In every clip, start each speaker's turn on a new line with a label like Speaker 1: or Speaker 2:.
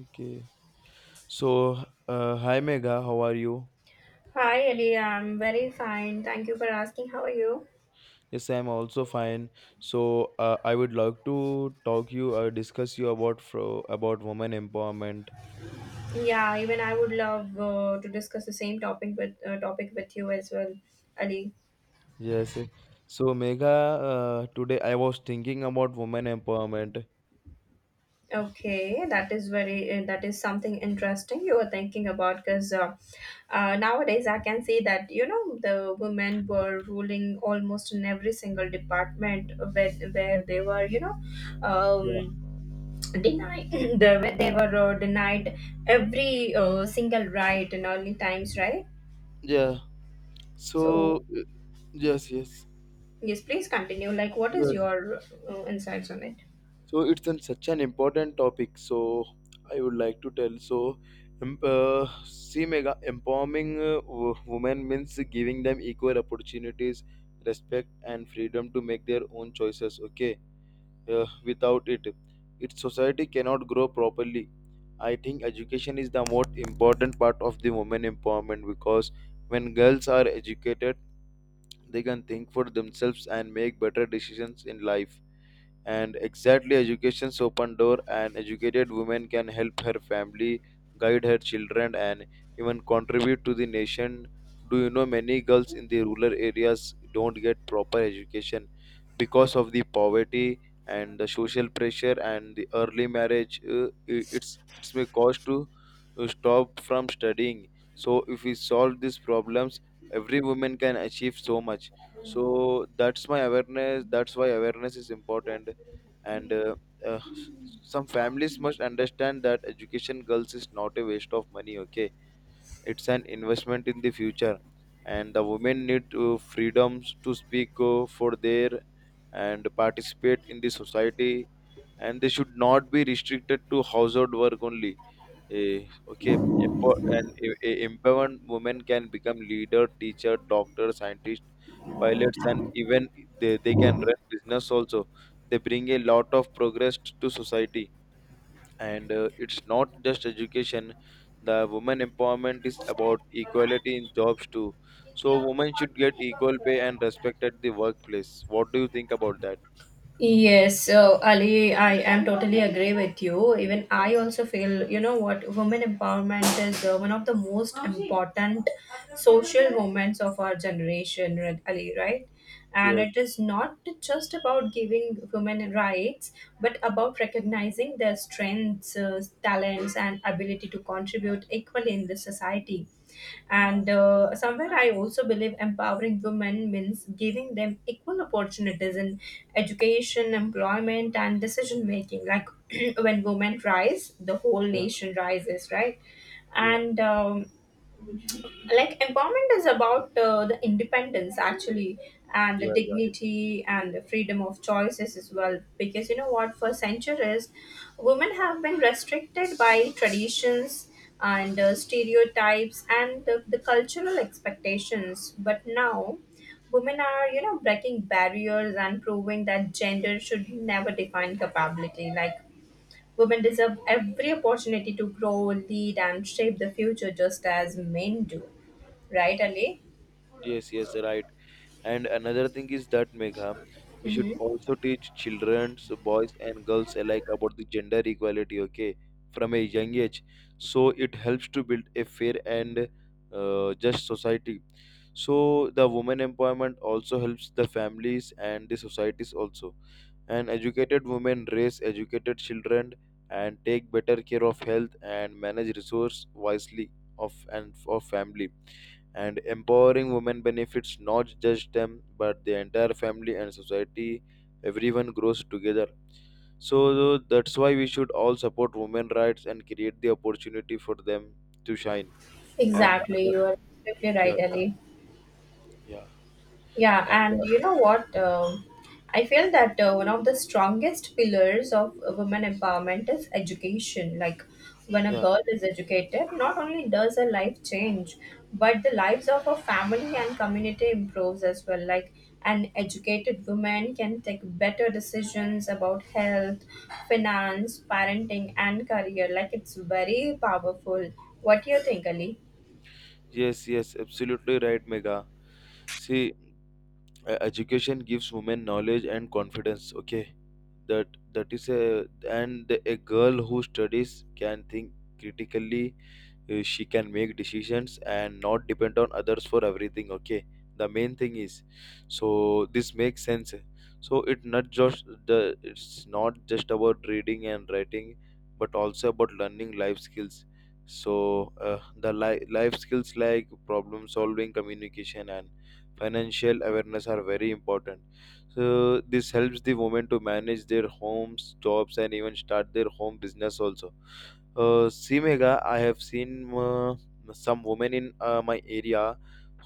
Speaker 1: Okay. So, hi Megha, how are you?
Speaker 2: Hi, Ellie. I'm very fine. Thank you for asking. How are you?
Speaker 1: Yes, I'm also fine. So, I would like to talk you or discuss you about fro about women empowerment.
Speaker 2: Yeah, even I would love to discuss the same topic with you as well, Ali.
Speaker 1: Yes. So, Megha, today I was thinking about women empowerment.
Speaker 2: Okay, that is very that is something interesting you were thinking about because nowadays I can see that you know the women were ruling almost in every single department where they were um,
Speaker 1: Yeah.
Speaker 2: denied the, they were denied every single right in early times, right?
Speaker 1: Yeah. So,
Speaker 2: So,
Speaker 1: yes, yes,
Speaker 2: yes, please continue. Like, what is
Speaker 1: yes.
Speaker 2: your insights on it?
Speaker 1: So it's an, such an important topic. So I would like to tell. So, see, Mega, empowering women means giving them equal opportunities, respect, and freedom to make their own choices. Okay, without it, its society cannot grow properly. I think education is the most important part of the women empowerment because when girls are educated, they can think for themselves and make better decisions in life, and exactly education's open door. An educated woman can help her family, guide her children, and even contribute to the nation. Do you know many girls in the rural areas don't get proper education because of the poverty and the social pressure and the early marriage. It's may cause to stop from studying. So if we solve these problems, every woman can achieve so much. So that's my awareness, that's why awareness is important. And uh, some families must understand that education girls is not a waste of money. Okay, it's an investment in the future. And the women need to freedoms to speak for their and participate in the society, and they should not be restricted to household work only. Empowered women can become leader, teacher, doctor, scientist, pilots, and even they can run business also. They bring a lot of progress to society, and it's not just education. The women empowerment is about equality in jobs too. So women should get equal pay and respect at the workplace. What do you think about that?
Speaker 2: Yes, so Ali, I am totally agree with you. Even I also feel, you know what, women empowerment is one of the most important social moments of our generation, right, Ali, right? And
Speaker 1: Yes.
Speaker 2: it is not just about giving women rights, but about recognizing their strengths, talents, and ability to contribute equally in the society. And somewhere I also believe empowering women means giving them equal opportunities in education, employment, and decision making. Like when women rise, the whole
Speaker 1: Yeah.
Speaker 2: nation rises, right?
Speaker 1: Yeah.
Speaker 2: And like empowerment is about the independence actually and the
Speaker 1: Yeah. Yeah. Yeah.
Speaker 2: dignity and the freedom of choices as well, because you know what, for centuries women have been restricted by traditions and stereotypes and the cultural expectations. But now women are, you know, breaking barriers and proving that gender should never define capability. Like, women deserve every opportunity to grow, lead, and shape the future just as men do. Right, Ali?
Speaker 1: Yes. Yes. Right. And another thing is that Megha, we should
Speaker 2: Mhm.
Speaker 1: also teach children, so boys and girls alike, about the gender equality, okay, from a young age. So it helps to build a fair and just society. So the women empowerment also helps the families and the societies also, and educated women raise educated children and take better care of health and manage resource wisely of and of family. And empowering women benefits not just them but the entire family and society. Everyone grows together. So that's why we should all support women rights and create the opportunity for them to shine. And the
Speaker 2: Exactly.
Speaker 1: other-
Speaker 2: You are absolutely right,
Speaker 1: yeah.
Speaker 2: Ali.
Speaker 1: Yeah.
Speaker 2: Yeah,
Speaker 1: and
Speaker 2: and you know what? I feel that one of the strongest pillars of women empowerment is education. Like, when a
Speaker 1: yeah.
Speaker 2: girl is educated, not only does her life change, but the lives of her family and community improves as well. Like, an educated woman can take better decisions about health, finance, parenting, and career. Like, it's very powerful. What do you think, Ali?
Speaker 1: Yes, yes, absolutely right, Mega. See, education gives women knowledge and confidence. Okay, that is a, and a girl who studies can think critically. She can make decisions and not depend on others for everything. Okay, the main thing is, so this makes sense. So it's not just about reading and writing, but also about learning life skills. So life skills like problem solving, communication, and financial awareness are very important. So this helps the women to manage their homes, jobs, and even start their home business also. See, Megha, I have seen some women in my area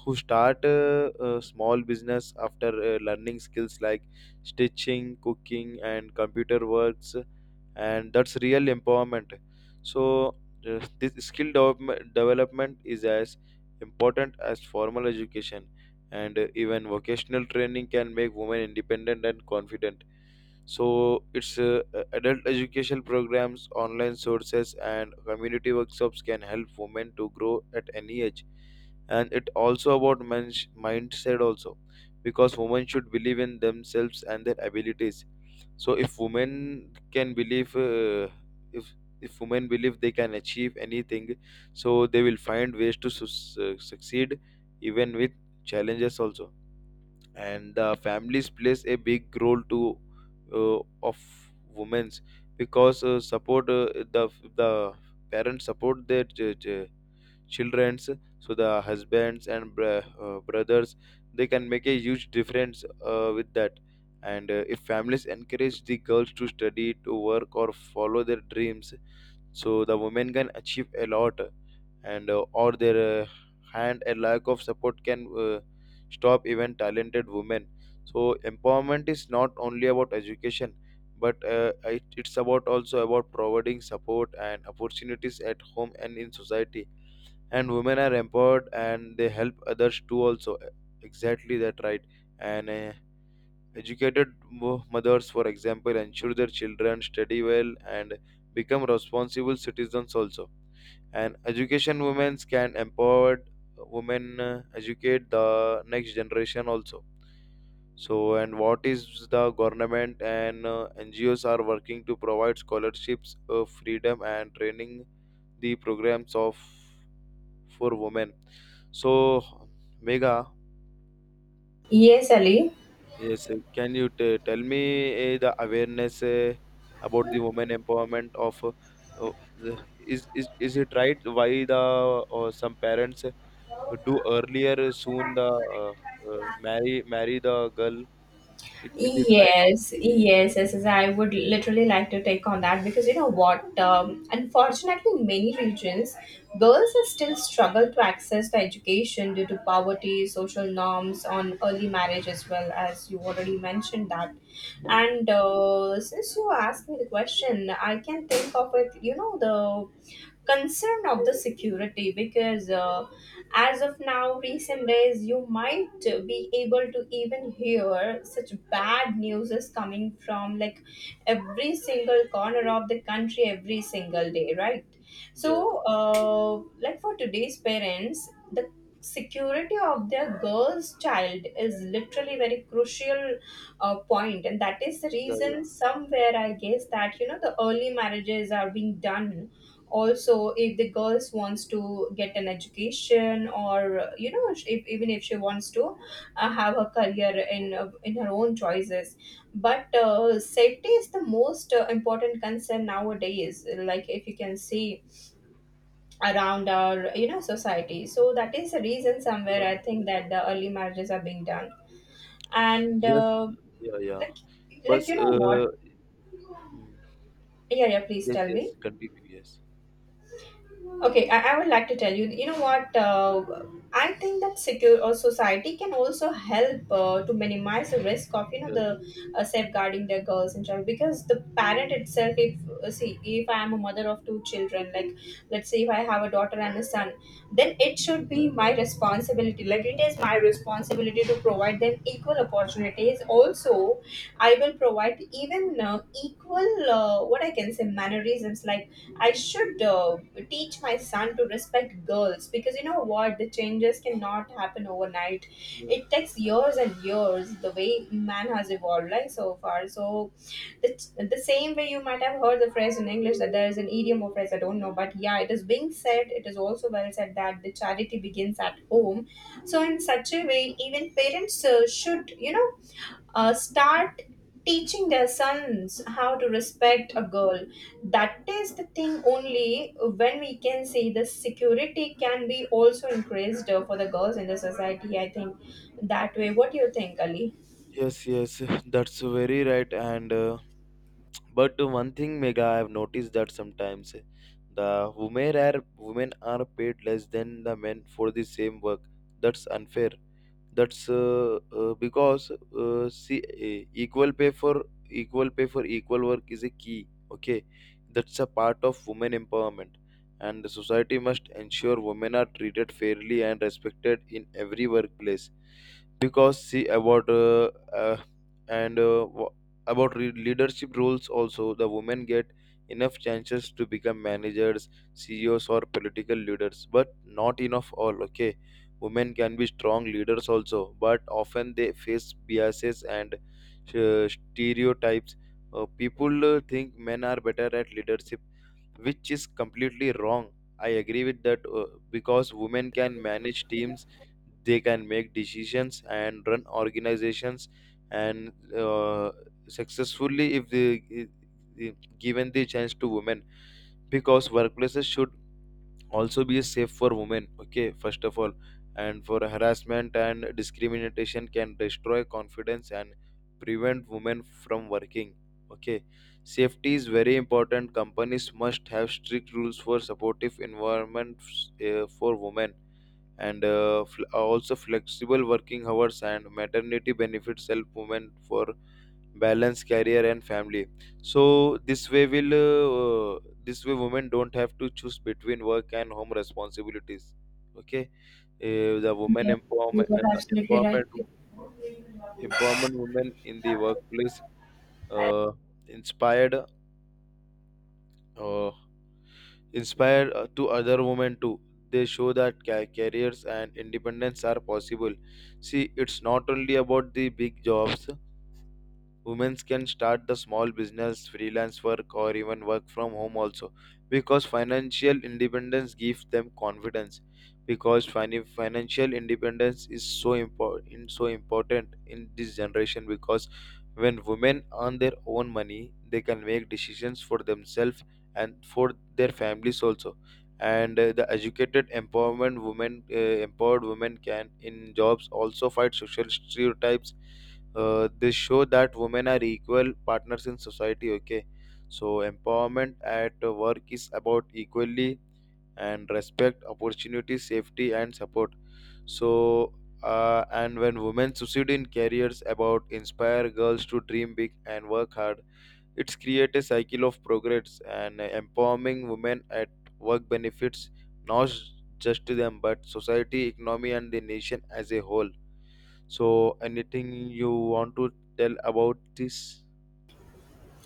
Speaker 1: who start a small business after learning skills like stitching, cooking, and computer works, and that's real empowerment. So, this development is as important as formal education, and even vocational training can make women independent and confident. So it's adult education programs, online sources, and community workshops can help women to grow at any age. And it also about mindset also, because women should believe in themselves and their abilities. So if if women believe they can achieve anything, so they will find ways to succeed even with challenges also. And the families plays a big role to of women's because support the the parents support their childrens. So the husbands and brothers, they can make a huge difference with that. And if families encourage the girls to study, to work, or follow their dreams, so the women can achieve a lot. And or their hand a lack of support can stop even talented women. So empowerment is not only about education, but it's about also about providing support and opportunities at home and in society. And women are empowered and they help others too also. Exactly that right. And educated mothers, for example, ensure their children study well and become responsible citizens also. And education women can empower women, educate the next generation also. So and what is the government and ngos are working to provide scholarships, freedom and training, the programs of for women. So, Mega,
Speaker 2: Yes, Ali.
Speaker 1: yes, can you tell me the awareness about the women empowerment uh, the- is, is it right why the some parents do earlier soon the marry the girl. It is it right? On,
Speaker 2: Yes, yes, yes, yes. I would literally like to take on that because you know what? Unfortunately, in many regions, girls are still struggle to access the education due to poverty, social norms on early marriage, as well as you already mentioned that. And since you asked me the question, I can think of it. You know the concern of the security, because as of now recent days you might be able to even hear such bad news is coming from like every single corner of the country every single day, right?
Speaker 1: yes.
Speaker 2: So like, for today's parents, the security of their girl's child is literally very crucial point, and that is the
Speaker 1: Yeah. Yeah.
Speaker 2: reason somewhere I guess that you know the early marriages are being done. Also, if the girls wants to get an education, or you know, if, even if she wants to have a career in her own choices, but safety is the most important concern nowadays. Like, if you can see around our, you know, society, so that is the reason somewhere
Speaker 1: Uh,
Speaker 2: I think that the early marriages are being done. And
Speaker 1: yes. Yeah. Yeah.
Speaker 2: like,
Speaker 1: But
Speaker 2: you know what,
Speaker 1: uh, hmm,
Speaker 2: yeah, yeah, please
Speaker 1: yes.
Speaker 2: tell me.
Speaker 1: Yes. Continue. Yes.
Speaker 2: Okay, I would like to tell you, you know what? I think that secure or society can also help to minimize the risk of, you know,
Speaker 1: Yes.
Speaker 2: the safeguarding their girls and child, because the parent itself, if see, if I am a mother of two children, like, let's say if I have a daughter and a son, then it should be my responsibility. Like, it is my responsibility to provide them equal opportunities. Also, I will provide even equal what I can say mannerisms. Like, I should teach my son to respect girls, because you know what, the changes cannot happen overnight.
Speaker 1: Yes.
Speaker 2: It takes years and years. The way man has evolved, like, so far, so the, the same way, you might have heard the phrase in English that there is an idiom or phrase, I don't know, but yeah, it is being said, it is also well said that the charity begins at home. So in such a way, even parents should, you know, start teaching their sons how to respect a girl. That is the thing. Only when we can say the security can be also increased for the girls in the society. I think that way. What do you think, Ali?
Speaker 1: Yes, yes, that's very right. And but one thing, Mega, I've noticed that sometimes the women are paid less than the men for the same work. That's unfair. That's because see, equal pay for equal work is a key. Okay, that's a part of women empowerment, and the society must ensure women are treated fairly and respected in every workplace. Because see about uh, and uh, wha- about leadership roles also, the women get enough chances to become managers, CEOs, or political leaders, but not enough all. Okay. Women can be strong leaders also, but often they face biases and stereotypes. People think men are better at leadership, which is completely wrong. I agree with that because women can manage teams, they can make decisions and run organizations, and successfully if they i- given the chance to women. Because workplaces should also be safe for women, okay, first of all. And for harassment and discrimination can destroy confidence and prevent women from working. Okay, safety is very important. Companies must have strict rules for supportive environments for women. And also flexible working hours and maternity benefits help women for balance career and family. So this way women don't have to choose between work and home responsibilities. Okay, the women
Speaker 2: Yes, you
Speaker 1: empowerment
Speaker 2: were absolutely right.
Speaker 1: empowerment empowerment women in the workplace, uh, inspired uh, inspired to other women too. They show that careers and independence are possible. See, it's not only about the big jobs. Women can start the small business, freelance work, or even work from home also, because financial independence gives them confidence. Because financial independence is so important in this generation, because when women earn their own money, they can make decisions for themselves and for their families also. And the educated, empowerment women, empowered women can in jobs also fight social stereotypes. They show that women are equal partners in society. Okay, so empowerment at work is about equally and respect, opportunity, safety, and support. So and when women succeed in careers about inspire girls to dream big and work hard, it's create a cycle of progress. And empowering women at work benefits not just to them but society, economy, and the nation as a whole. So, anything you want to tell about this?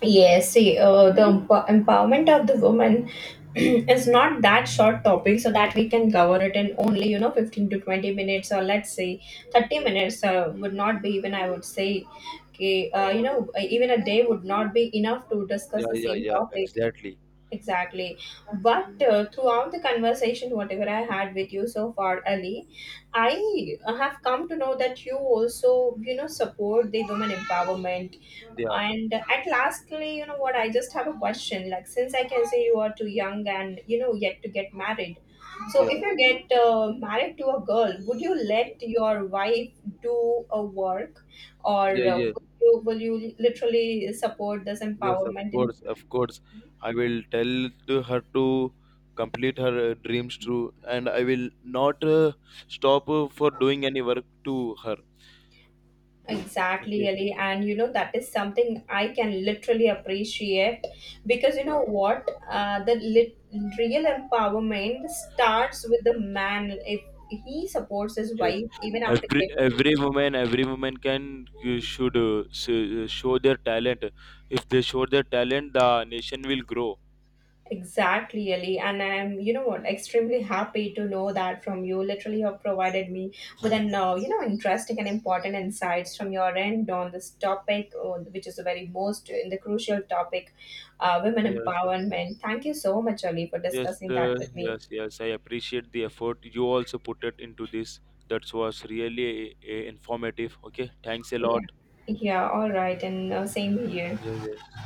Speaker 2: Yes, see, empowerment of the woman is not that short topic, so that we can cover it in only, you know, 15 to 20 minutes, or let's say thirty
Speaker 1: Yeah,
Speaker 2: minutes. Would not be even, I would say, okay, you know, even a day would not be enough to
Speaker 1: yeah,
Speaker 2: discuss the
Speaker 1: yeah,
Speaker 2: same
Speaker 1: yeah,
Speaker 2: topic.
Speaker 1: exactly.
Speaker 2: Exactly. But throughout the conversation, whatever I had with you so far, Ali, I have come to know that you also, you know, support the women empowerment.
Speaker 1: Yeah.
Speaker 2: And at lastly, you know what, I just have a question. Like, since I can say you are too young and, you know, yet to get married. So
Speaker 1: Yeah,
Speaker 2: if you get married to a girl, would you
Speaker 1: yeah,
Speaker 2: let your wife do a work,
Speaker 1: yeah,
Speaker 2: or
Speaker 1: yeah,
Speaker 2: will you literally support this
Speaker 1: yes, of
Speaker 2: empowerment in.
Speaker 1: course, of course. I will tell to her to complete her dreams too, and I will not stop for doing any work to her.
Speaker 2: Exactly,
Speaker 1: Okay,
Speaker 2: Ali. And you know, that is something I can literally appreciate, because you
Speaker 1: yeah,
Speaker 2: know what? Real empowerment starts with the man. If he supports his
Speaker 1: yes.
Speaker 2: wife even after
Speaker 1: Every
Speaker 2: getting.
Speaker 1: every woman, every woman can, you should show their talent. If they show their talent, the nation will grow.
Speaker 2: Exactly, Ali. And I'm, you know what, extremely happy to know that from you. Literally, you have provided me with an, you know, interesting and important insights from your end on this topic, which is the very most in the crucial topic, women
Speaker 1: Yes,
Speaker 2: empowerment. Thank you so much, Ali, for
Speaker 1: just
Speaker 2: discussing that with me.
Speaker 1: yes, yes. I appreciate the effort you also put it into this. That was really informative. Okay, thanks a
Speaker 2: Yeah.
Speaker 1: lot.
Speaker 2: Yeah, all right. And same here.
Speaker 1: Yes, yes.